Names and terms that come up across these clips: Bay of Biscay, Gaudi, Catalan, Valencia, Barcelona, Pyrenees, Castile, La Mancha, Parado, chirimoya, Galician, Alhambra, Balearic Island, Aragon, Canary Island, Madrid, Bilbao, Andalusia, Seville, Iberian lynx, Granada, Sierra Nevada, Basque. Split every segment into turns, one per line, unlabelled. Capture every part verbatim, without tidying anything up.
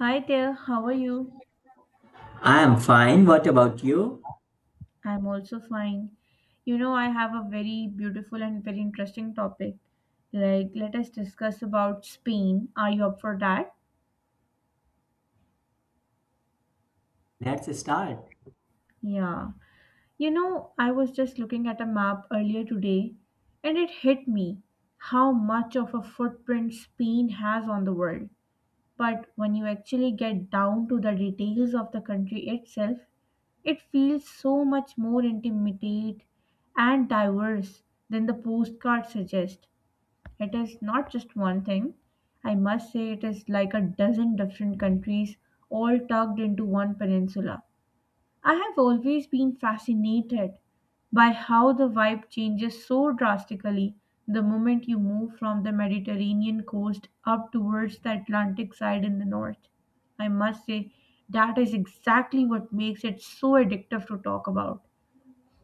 Hi there, how are you?
I am fine. What about you?
I'm also fine. You know, I have a very beautiful and very interesting topic. Like, let us discuss about Spain. Are you up for that?
Let's start.
Yeah. You know, I was just looking at a map earlier today and it hit me how much of a footprint Spain has on the world. But when you actually get down to the details of the country itself, it feels so much more intimate and diverse than the postcard suggests. It is not just one thing. I must say, it is like a dozen different countries all tugged into one peninsula. I have always been fascinated by how the vibe changes so drastically the moment you move from the Mediterranean coast up towards the Atlantic side in the north. I must say, that is exactly what makes it so addictive to talk about.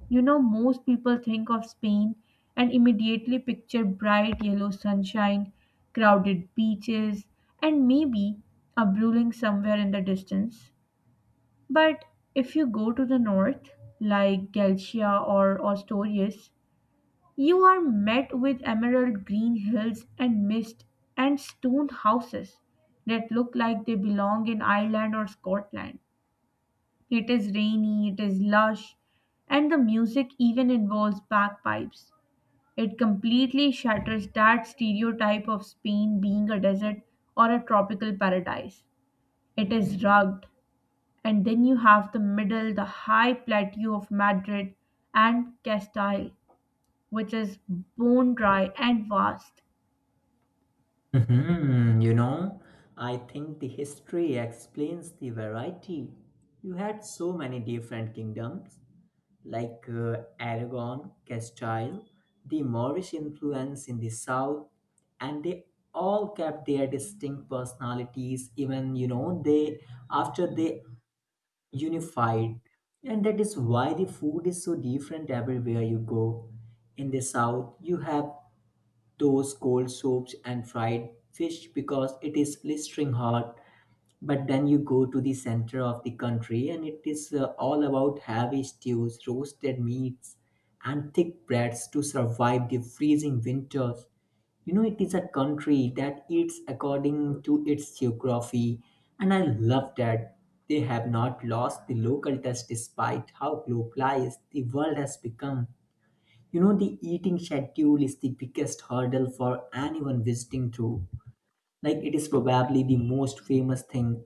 You know, most people think of Spain and immediately picture bright yellow sunshine, crowded beaches, and maybe a brewing somewhere in the distance. But if you go to the north, like Galcia or Ostorius, you are met with emerald green hills and mist and stone houses that look like they belong in Ireland or Scotland. It is rainy, it is lush, and the music even involves bagpipes. It completely shatters that stereotype of Spain being a desert or a tropical paradise. It is rugged, and then you have the middle, the high plateau of Madrid and Castile, which is bone dry and vast.
Mhm. You know, I think the history explains the variety. You had so many different kingdoms, like uh, Aragon, Castile, the Moorish influence in the south, and they all kept their distinct personalities. Even you know, they after they unified, and that is why the food is so different everywhere you go. In the south, you have those cold soups and fried fish because it is blistering hot, but then you go to the center of the country and it is uh, all about heavy stews, roasted meats, and thick breads to survive the freezing winters. You know it is a country that eats according to its geography, and I love that they have not lost the local touch despite how globalized the world has become. You know, the eating schedule is the biggest hurdle for anyone visiting through. Like, it is probably the most famous thing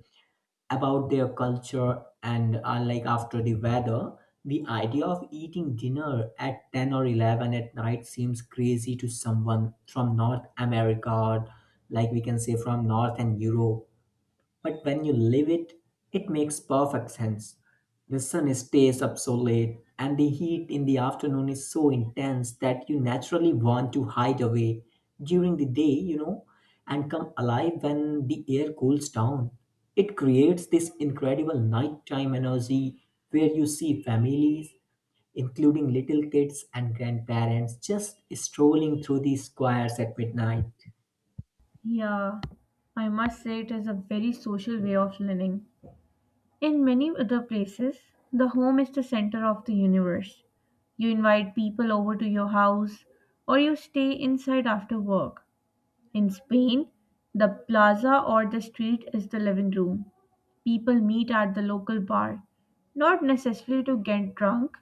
about their culture, and uh, like after the weather, the idea of eating dinner at ten or eleven at night seems crazy to someone from North America or, like, we can say, from North and Europe. But when you live it, it makes perfect sense. The sun stays up so late, and the heat in the afternoon is so intense that you naturally want to hide away during the day, you know, and come alive when the air cools down. It creates this incredible nighttime energy where you see families, including little kids and grandparents, just strolling through the squares at midnight.
Yeah, I must say it is a very social way of living. In many other places, the home is the center of the universe. You invite people over to your house, or you stay inside after work. In Spain, the plaza or the street is the living room. People meet at the local bar, not necessarily to get drunk,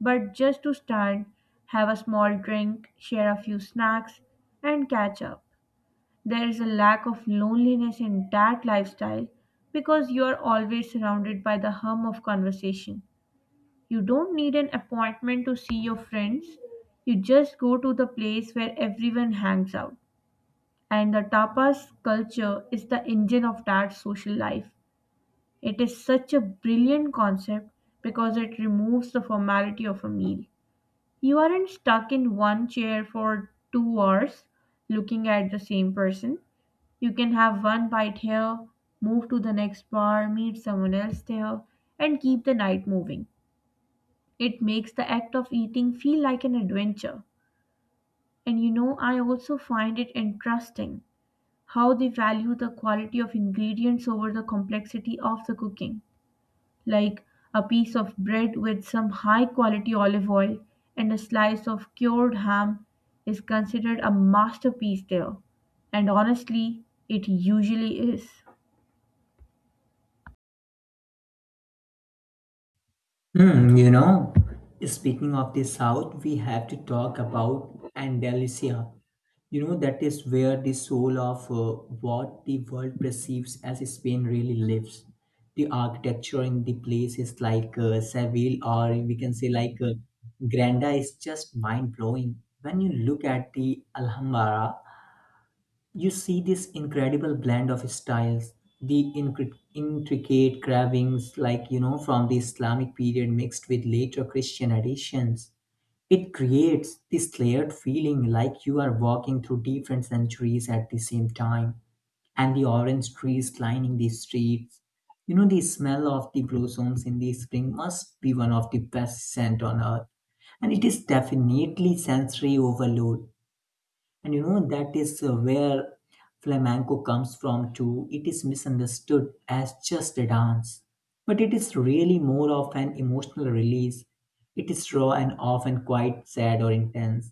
but just to stand, have a small drink, share a few snacks, and catch up. There is a lack of loneliness in that lifestyle because you are always surrounded by the hum of conversation. You don't need an appointment to see your friends, you just go to the place where everyone hangs out. And the tapas culture is the engine of that social life. It is such a brilliant concept because it removes the formality of a meal. You aren't stuck in one chair for two hours looking at the same person. You can have one bite here, move to the next bar, meet someone else there, and keep the night moving. It makes the act of eating feel like an adventure. And you know, I also find it interesting how they value the quality of ingredients over the complexity of the cooking. Like a piece of bread with some high quality olive oil and a slice of cured ham is considered a masterpiece there. And honestly, it usually is.
Hmm. You know, speaking of the South, we have to talk about Andalusia. You know, that is where the soul of uh, what the world perceives as Spain really lives. The architecture in the place is like uh, Seville, or we can say like uh, Granada, is just mind blowing. When you look at the Alhambra, you see this incredible blend of styles, the incri- intricate carvings, like you know, from the Islamic period mixed with later Christian additions. It creates this layered feeling like you are walking through different centuries at the same time, and the orange trees lining the streets. You know, the smell of the blossoms in the spring must be one of the best scent on earth, and it is definitely sensory overload. And you know, that is uh, where flamenco comes from too. It is misunderstood as just a dance, but it is really more of an emotional release. It is raw and often quite sad or intense.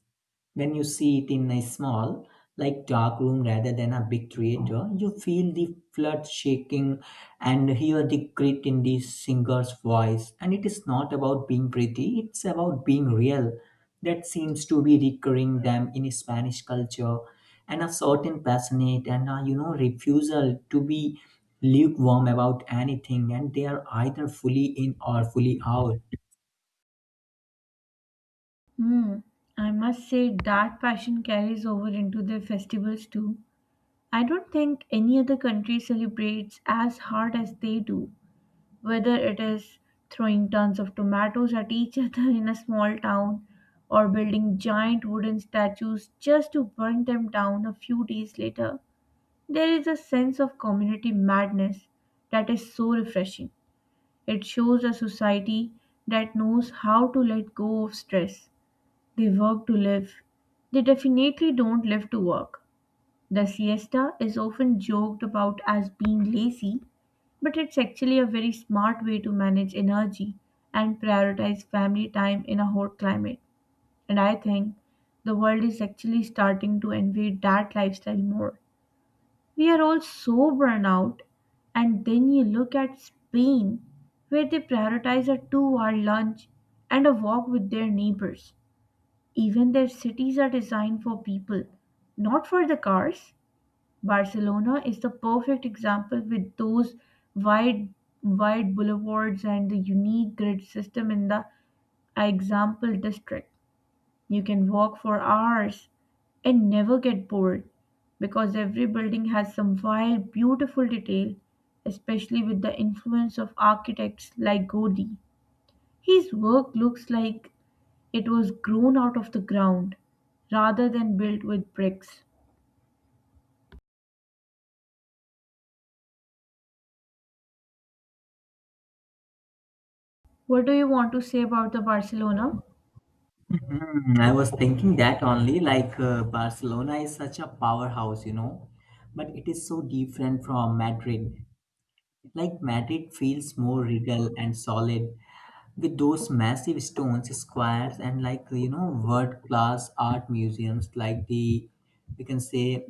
When you see it in a small, like dark room rather than a big theater, you feel the flood shaking and hear the grit in the singer's voice. And it is not about being pretty, it's about being real. That seems to be recurring them in Spanish culture, and a certain passionate and a, you know refusal to be lukewarm about anything, and they are either fully in or fully out.
Hmm, I must say that passion carries over into their festivals too. I don't think any other country celebrates as hard as they do. Whether it is throwing tons of tomatoes at each other in a small town or building giant wooden statues just to burn them down a few days later, there is a sense of community madness that is so refreshing. It shows a society that knows how to let go of stress. They work to live. They definitely don't live to work. The siesta is often joked about as being lazy, but it's actually a very smart way to manage energy and prioritize family time in a hot climate. And I think the world is actually starting to envy that lifestyle more. We are all so burned out, and then you look at Spain, where they prioritize a two hour lunch and a walk with their neighbors. Even their cities are designed for people, not for the cars. Barcelona is the perfect example with those wide wide boulevards and the unique grid system in the example district. You can walk for hours and never get bored because every building has some wild, beautiful detail, especially with the influence of architects like Gaudi. His work looks like it was grown out of the ground rather than built with bricks. What do you want to say about the Barcelona?
Hmm. I was thinking that only like uh, Barcelona is such a powerhouse, you know, but it is so different from Madrid. Like Madrid feels more regal and solid with those massive stones, squares, and like you know, world class art museums like the, we can say,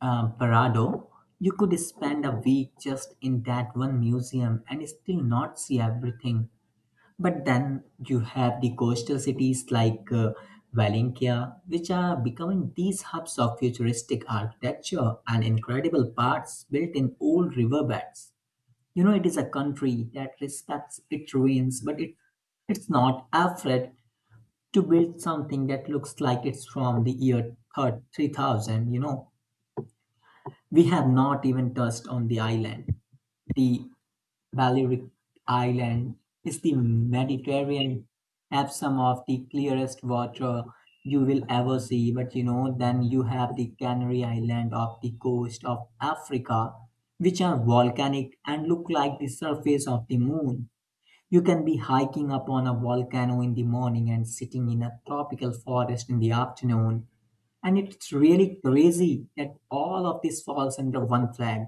uh, Parado. You could spend a week just in that one museum and still not see everything. But then you have the coastal cities like uh, Valencia, which are becoming these hubs of futuristic architecture and incredible parks built in old riverbeds. You know, it is a country that respects its ruins, but it, it's not afraid to build something that looks like it's from the year thir- three thousand. You know, we have not even touched on the island, the Balearic Island is the Mediterranean, have some of the clearest water you will ever see. But you know, then you have the Canary Island of the coast of Africa, which are volcanic and look like the surface of the moon. You can be hiking up on a volcano in the morning and sitting in a tropical forest in the afternoon. And it's really crazy that all of this falls under one flag.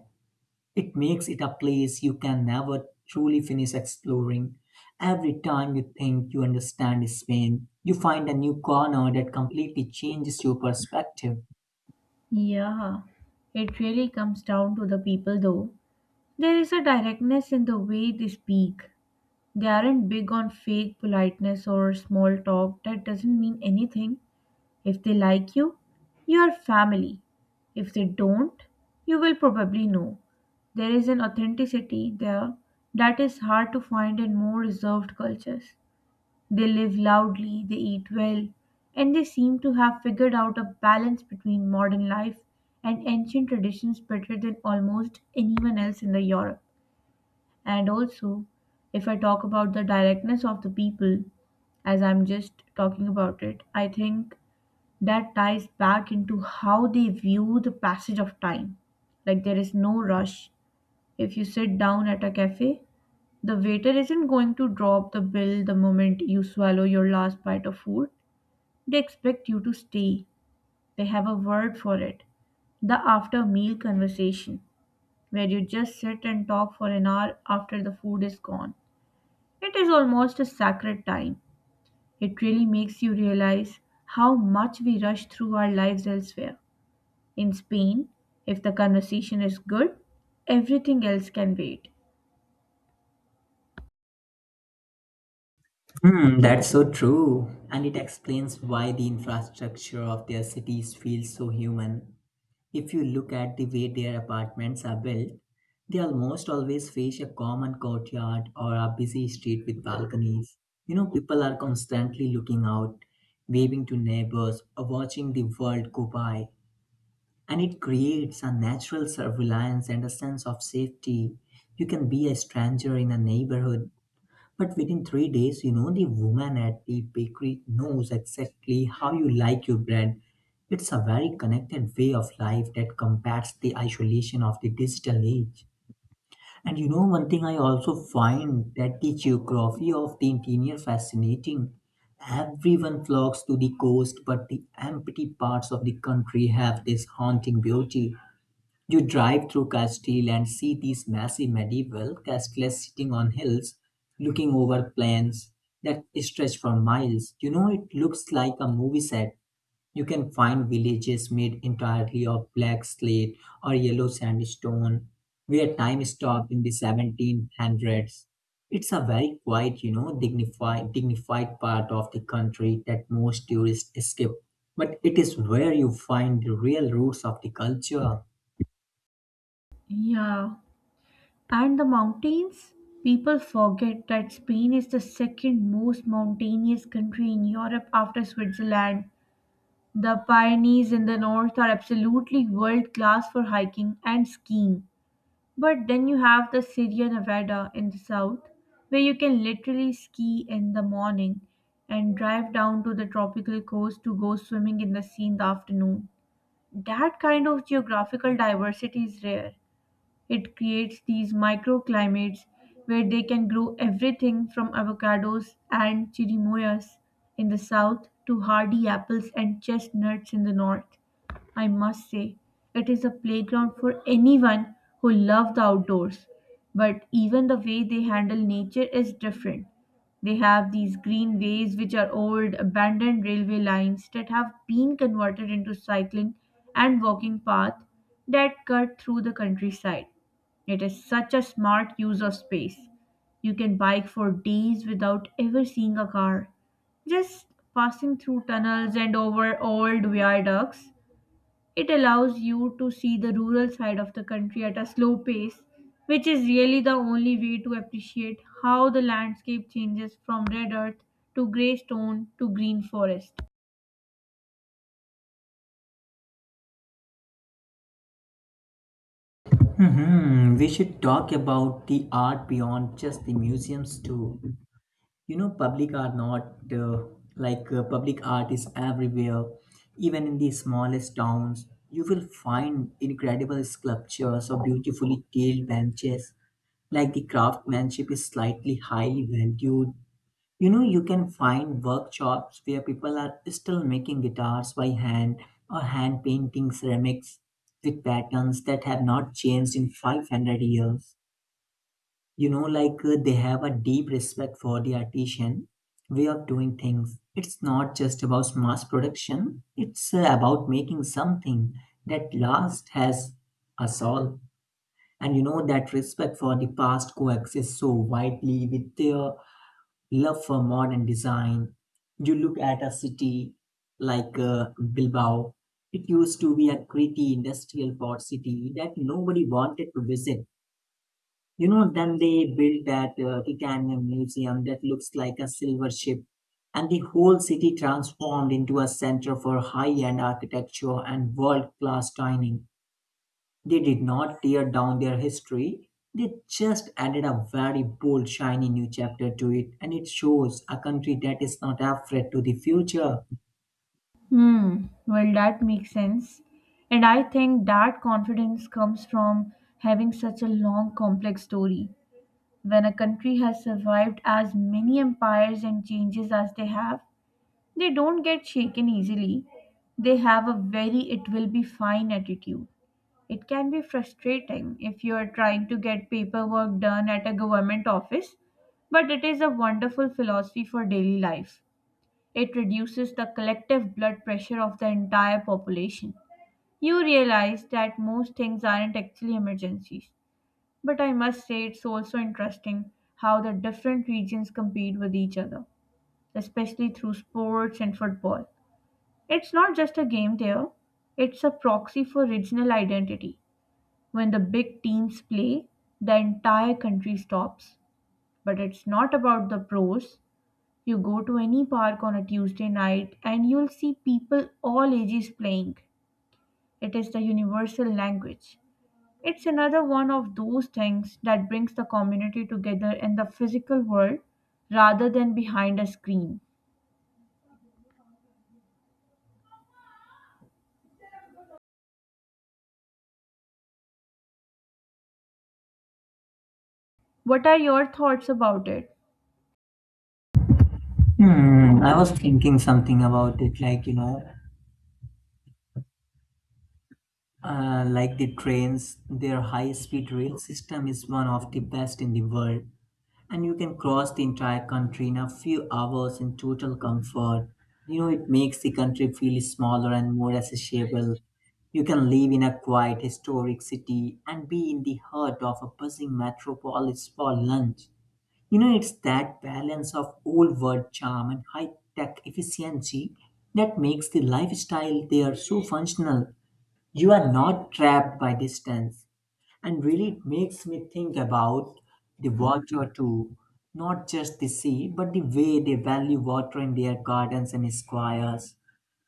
It makes it a place you can never truly finish exploring. Every time you think you understand Spain, you find a new corner that completely changes your perspective.
Yeah, it really comes down to the people though. There is a directness in the way they speak. They aren't big on fake politeness or small talk that doesn't mean anything. If they like you, you are family. If they don't, you will probably know. There is an authenticity there that is hard to find in more reserved cultures. They live loudly, they eat well, and they seem to have figured out a balance between modern life and ancient traditions better than almost anyone else in the Europe. And also, if I talk about the directness of the people, as I'm just talking about it, I think that ties back into how they view the passage of time. Like there is no rush. If you sit down at a cafe, the waiter isn't going to drop the bill the moment you swallow your last bite of food. They expect you to stay. They have a word for it, the after meal conversation, where you just sit and talk for an hour after the food is gone. It is almost a sacred time. It really makes you realize how much we rush through our lives elsewhere. In Spain, if the conversation is good, everything else can wait.
Hmm, that's so true. And it explains why the infrastructure of their cities feels so human. If you look at the way their apartments are built, they almost always face a common courtyard or a busy street with balconies. You know, people are constantly looking out, waving to neighbors, or watching the world go by. And it creates a natural self reliance and a sense of safety. You can be a stranger in a neighborhood, but within three days, you know, the woman at the bakery knows exactly how you like your bread. It's a very connected way of life that combats the isolation of the digital age. And you know, one thing I also find that the geography of the interior fascinating. Everyone flocks to the coast, but the empty parts of the country have this haunting beauty. You drive through Castile and see these massive medieval castles sitting on hills, looking over plains that stretch for miles. You know, it looks like a movie set. You can find villages made entirely of black slate or yellow sandstone, where time stopped in the seventeen hundreds. It's a very quiet, you know, dignified, dignified part of the country that most tourists skip, but it is where you find the real roots of the culture.
Yeah, and the mountains? People forget that Spain is the second most mountainous country in Europe after Switzerland. The Pyrenees in the north are absolutely world class for hiking and skiing. But then you have the Sierra Nevada in the south, where you can literally ski in the morning and drive down to the tropical coast to go swimming in the sea in the afternoon. That kind of geographical diversity is rare. It creates these microclimates where they can grow everything from avocados and chirimoyas in the south to hardy apples and chestnuts in the north. I must say, it is a playground for anyone who loves the outdoors. But even the way they handle nature is different. They have these green ways, which are old, abandoned railway lines that have been converted into cycling and walking paths that cut through the countryside. It is such a smart use of space. You can bike for days without ever seeing a car. Just passing through tunnels and over old viaducts, it allows you to see the rural side of the country at a slow pace, which is really the only way to appreciate how the landscape changes from red earth to grey stone to green forest.
Mhm. We should talk about the art beyond just the museums too. You know, public art not uh, like uh, Public art is everywhere. Even in the smallest towns, you will find incredible sculptures or beautifully tailed benches. Like the craftsmanship is slightly highly valued. You know, you can find workshops where people are still making guitars by hand or hand painting ceramics with patterns that have not changed in five hundred years. You know, like uh, they have a deep respect for the artisan way of doing things. It's not just about mass production, it's uh, about making something that last has us all. And you know, that respect for the past coexists so widely with their love for modern design. You look at a city like uh, Bilbao. It used to be a gritty industrial port city that nobody wanted to visit. You know, then they built that uh, titanium museum that looks like a silver ship, and the whole city transformed into a center for high end architecture and world class dining. They did not tear down their history, they just added a very bold, shiny new chapter to it, and it shows a country that is not afraid to the future.
Hmm. Well, that makes sense. And I think that confidence comes from having such a long, complex story. When a country has survived as many empires and changes as they have, they don't get shaken easily. They have a very it will be fine attitude. It can be frustrating if you are trying to get paperwork done at a government office, but it is a wonderful philosophy for daily life. It reduces the collective blood pressure of the entire population. You realize that most things aren't actually emergencies. But I must say, it's also interesting how the different regions compete with each other, especially through sports and football. It's not just a game there, it's a proxy for regional identity. When the big teams play, the entire country stops. But it's not about the pros, you go to any park on a Tuesday night and you'll see people all ages playing. It is the universal language. It's another one of those things that brings the community together in the physical world rather than behind a screen. What are your thoughts about it?
Hmm, I was thinking something about it, like you know, uh, like the trains, their high speed rail system is one of the best in the world. And you can cross the entire country in a few hours in total comfort. You know, it makes the country feel smaller and more accessible. You can live in a quiet, historic city and be in the heart of a buzzing metropolis for lunch. You know, it's that balance of old world charm and high tech efficiency that makes the lifestyle there so functional. You are not trapped by distance, and really it makes me think about the water too, not just the sea, but the way they value water in their gardens and squares,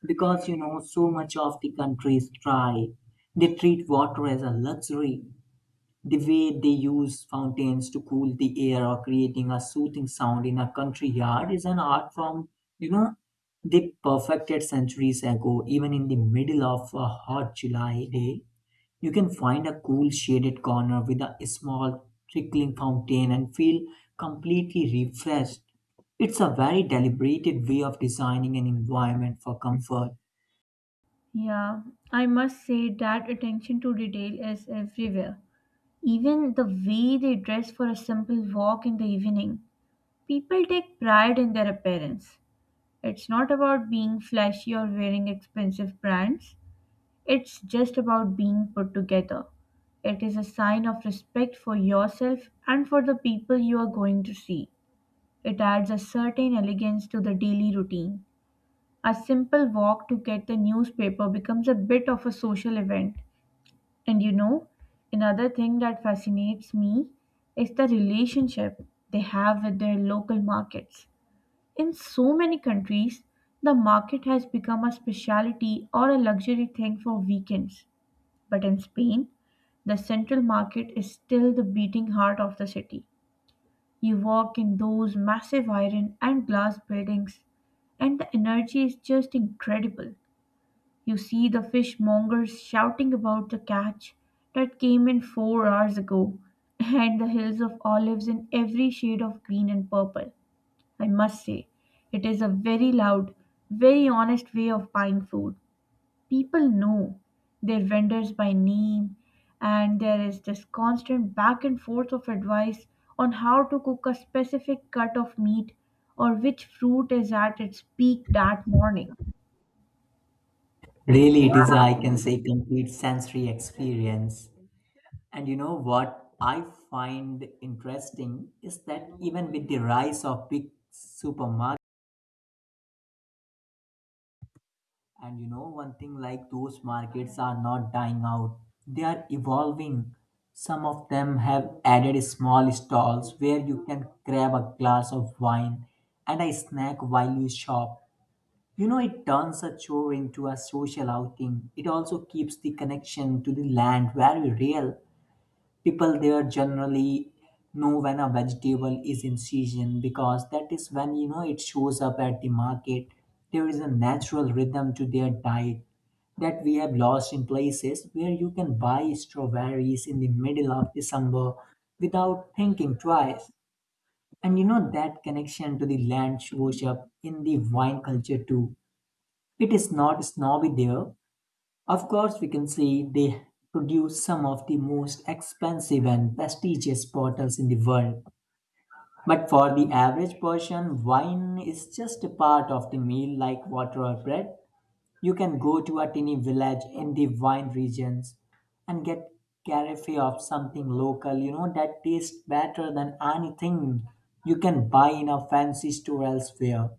because you know so much of the country is dry. They treat water as a luxury. The way they use fountains to cool the air or creating a soothing sound in a country yard is an art form, you know, they perfected centuries ago. Even in the middle of a hot July day, you can find a cool shaded corner with a small trickling fountain and feel completely refreshed. It's a very deliberate way of designing an environment for comfort.
Yeah, I must say that attention to detail is everywhere. Even the way they dress for a simple walk in the evening. People take pride in their appearance. It's not about being flashy or wearing expensive brands. It's just about being put together. It is a sign of respect for yourself and for the people you are going to see. It adds a certain elegance to the daily routine. A simple walk to get the newspaper becomes a bit of a social event. And you know, another thing that fascinates me is the relationship they have with their local markets. In so many countries, the market has become a specialty or a luxury thing for weekends. But in Spain, the central market is still the beating heart of the city. You walk in those massive iron and glass buildings, and the energy is just incredible. You see the fishmongers shouting about the catch that came in four hours ago, and the hills of olives in every shade of green and purple. I must say. It is a very loud, very honest way of buying food. People know their vendors by name, and there is this constant back and forth of advice on how to cook a specific cut of meat or which fruit is at its peak that morning.
Really, it is, I can say, complete sensory experience. And you know what I find interesting is that even with the rise of big supermarkets, and you know, one thing, like those markets are not dying out, they are evolving. Some of them have added small stalls where you can grab a glass of wine and a snack while you shop. You know, it turns a chore into a social outing. It also keeps the connection to the land very real. People there generally know when a vegetable is in season because that is when you know it shows up at the market. There is a natural rhythm to their diet that we have lost in places where you can buy strawberries in the middle of December without thinking twice. And you know that connection to the land shows up in the wine culture too. It is not snobby there. Of course we can see they produce some of the most expensive and prestigious bottles in the world. But for the average person, wine is just a part of the meal like water or bread. You can go to a tiny village in the wine regions and get cafe of something local, you know, that tastes better than anything you can buy in a fancy store elsewhere,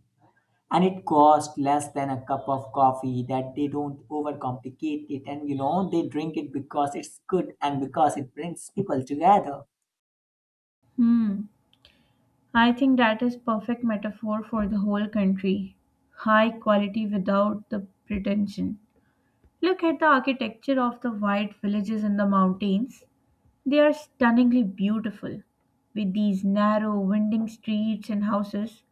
and it costs less than a cup of coffee. That they don't overcomplicate it, and you know they drink it because it's good and because it brings people together.
Hmm. I think that is perfect metaphor for the whole country. High quality without the pretension. Look at the architecture of the white villages in the mountains. They are stunningly beautiful, with these narrow, winding streets and houses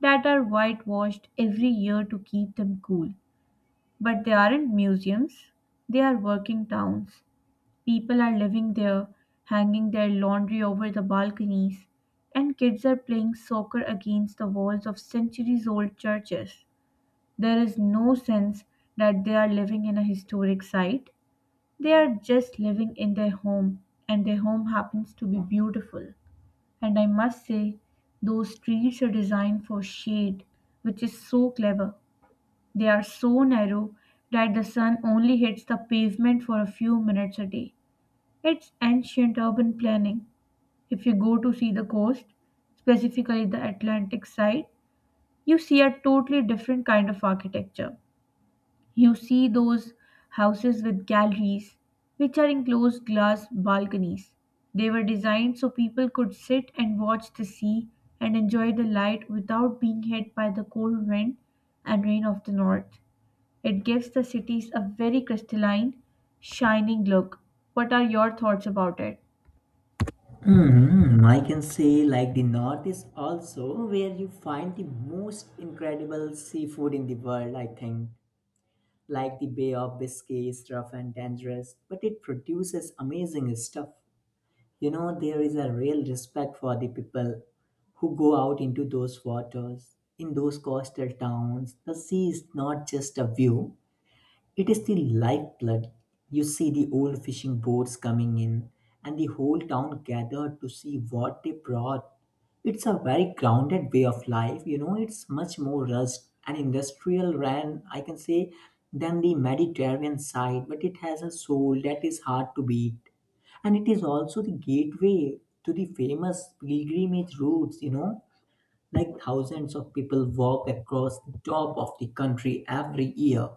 that are whitewashed every year to keep them cool. But they aren't museums, they are working towns. People are living there, hanging their laundry over the balconies, and kids are playing soccer against the walls of centuries old churches. There is no sense that they are living in a historic site, they are just living in their home, and their home happens to be beautiful. And I must say, those trees are designed for shade, which is so clever. They are so narrow that the sun only hits the pavement for a few minutes a day. It's ancient urban planning. If you go to see the coast, specifically the Atlantic side, you see a totally different kind of architecture. You see those houses with galleries, which are enclosed glass balconies. They were designed so people could sit and watch the sea and enjoy the light without being hit by the cold wind and rain of the north. It gives the cities a very crystalline, shining look. What are your thoughts about it?
Hmm. I can say like the north is also where you find the most incredible seafood in the world, I think. Like the Bay of Biscay is rough and dangerous, but it produces amazing stuff. You know, there is a real respect for the people who go out into those waters. In those coastal towns, the sea is not just a view, it is the lifeblood. You see the old fishing boats coming in, and the whole town gathered to see what they brought. It's a very grounded way of life. You know, it's much more rushed and industrial ran, I can say, than the Mediterranean side, but it has a soul that is hard to beat. And it is also the gateway to the famous pilgrimage routes, you know, like thousands of people walk across the top of the country every year.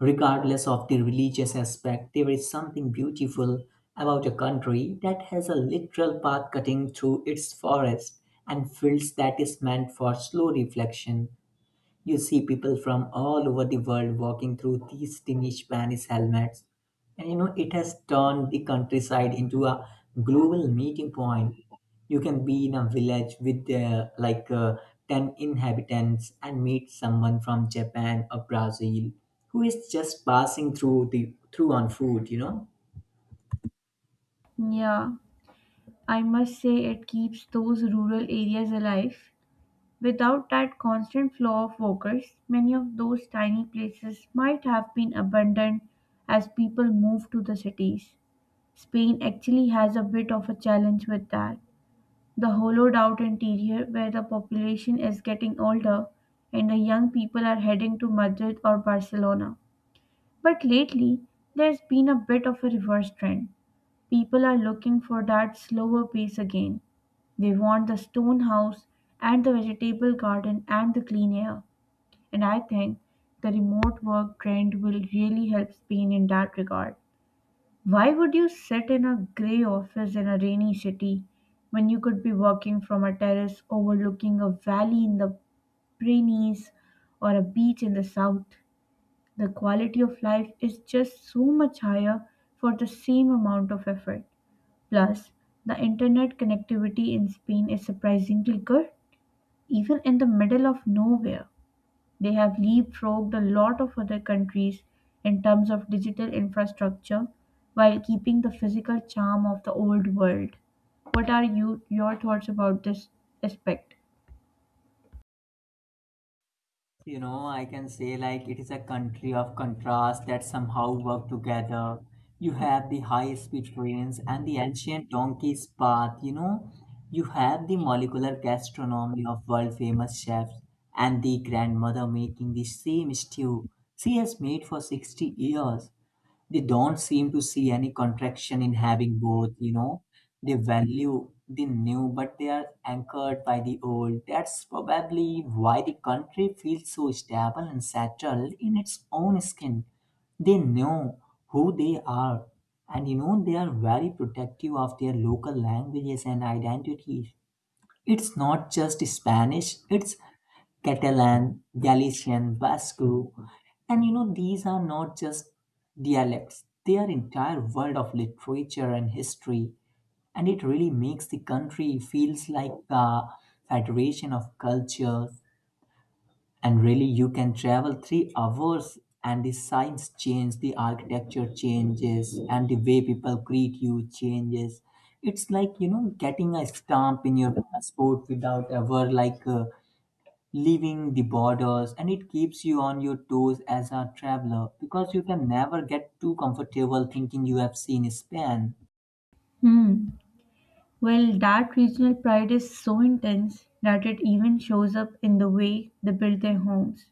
Regardless of the religious aspect, there is something beautiful about a country that has a literal path cutting through its forest and fields that is meant for slow reflection. You see people from all over the world walking through these tiny Spanish helmets. And you know, it has turned the countryside into a global meeting point. You can be in a village with uh, like uh, ten inhabitants and meet someone from Japan or Brazil who is just passing through the through on foot, you know.
Yeah, I must say it keeps those rural areas alive. Without that constant flow of workers, many of those tiny places might have been abandoned as people moved to the cities. Spain actually has a bit of a challenge with that. The hollowed out interior, where the population is getting older and the young people are heading to Madrid or Barcelona. But lately, there's been a bit of a reverse trend. People are looking for that slower pace again. They want the stone house and the vegetable garden and the clean air. And I think the remote work trend will really help Spain in that regard. Why would you sit in a grey office in a rainy city when you could be working from a terrace overlooking a valley in the Pyrenees or a beach in the south? The quality of life is just so much higher for the same amount of effort. Plus, the internet connectivity in Spain is surprisingly good, even in the middle of nowhere. They have leapfrogged a lot of other countries in terms of digital infrastructure while keeping the physical charm of the old world. What are you your thoughts about this aspect?
You know, I can say like it is a country of contrast that somehow work together. You have the high-speed trains and the ancient donkey's path, you know. You have the molecular gastronomy of world-famous chefs and the grandmother making the same stew she has made for sixty years. They don't seem to see any contraction in having both. You know they value the new, but they are anchored by the old. That's probably why the country feels so stable and settled in its own skin. They know who they are, and you know they are very protective of their local languages and identities. It's not just Spanish, it's Catalan, Galician, Basque, and you know, these are not just dialects, they are entire world of literature and history, and it really makes the country feels like a federation of cultures. And really, you can travel three hours and the signs change, the architecture changes, and the way people greet you changes. It's like you know getting a stamp in your passport without ever like uh, leaving the borders, and it keeps you on your toes as a traveler because you can never get too comfortable thinking you have seen Spain.
Hmm. Well, that regional pride is so intense that it even shows up in the way they build their homes.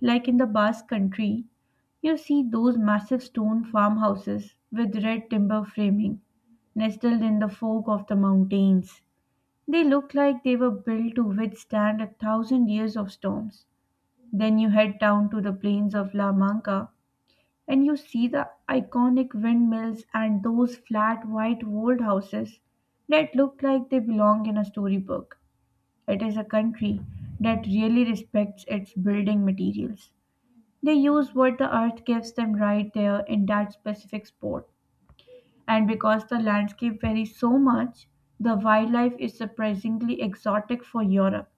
Like in the Basque country, you see those massive stone farmhouses with red timber framing, nestled in the fork of the mountains. They look like they were built to withstand a thousand years of storms. Then you head down to the plains of La Manca and you see the iconic windmills and those flat white walled houses that look like they belong in a storybook. It is a country that really respects its building materials. They use what the earth gives them right there in that specific spot. And because the landscape varies so much, the wildlife is surprisingly exotic for Europe.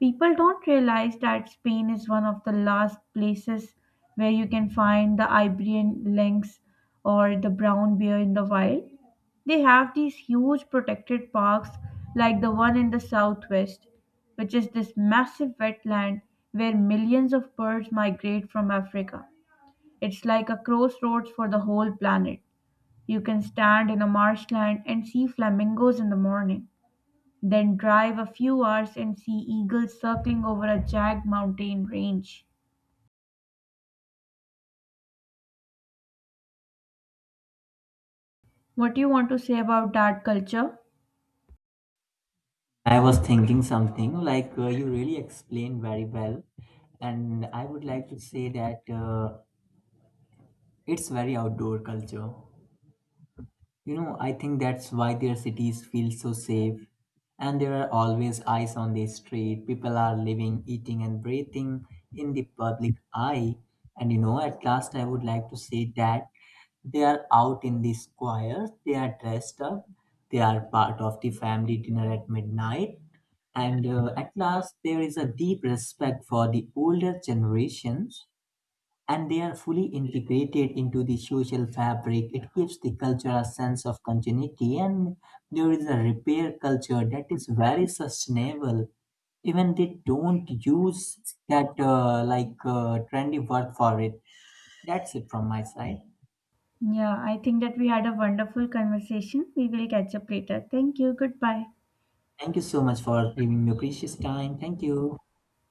People don't realize that Spain is one of the last places where you can find the Iberian lynx or the brown bear in the wild. They have these huge protected parks like the one in the southwest, which is this massive wetland where millions of birds migrate from Africa. It's like a crossroads for the whole planet. You can stand in a marshland and see flamingos in the morning, then drive a few hours and see eagles circling over a jagged mountain range. What do you want to say about that culture?
I was thinking something like uh, you really explained very well, and I would like to say that uh, it's very outdoor culture. You know, I think that's why their cities feel so safe. And there are always eyes on the street. People are living, eating, and breathing in the public eye. And you know, at last, I would like to say that they are out in the square, they are dressed up, they are part of the family dinner at midnight. And uh, at last, there is a deep respect for the older generations and they are fully integrated into the social fabric. It gives the culture a sense of continuity, and there is a repair culture that is very sustainable. Even they don't use that uh, like uh, trendy word for it. That's it from my side.
Yeah, I think that we had a wonderful conversation. We will catch up later. Thank you. Goodbye.
Thank you so much for giving me your precious time. Thank you.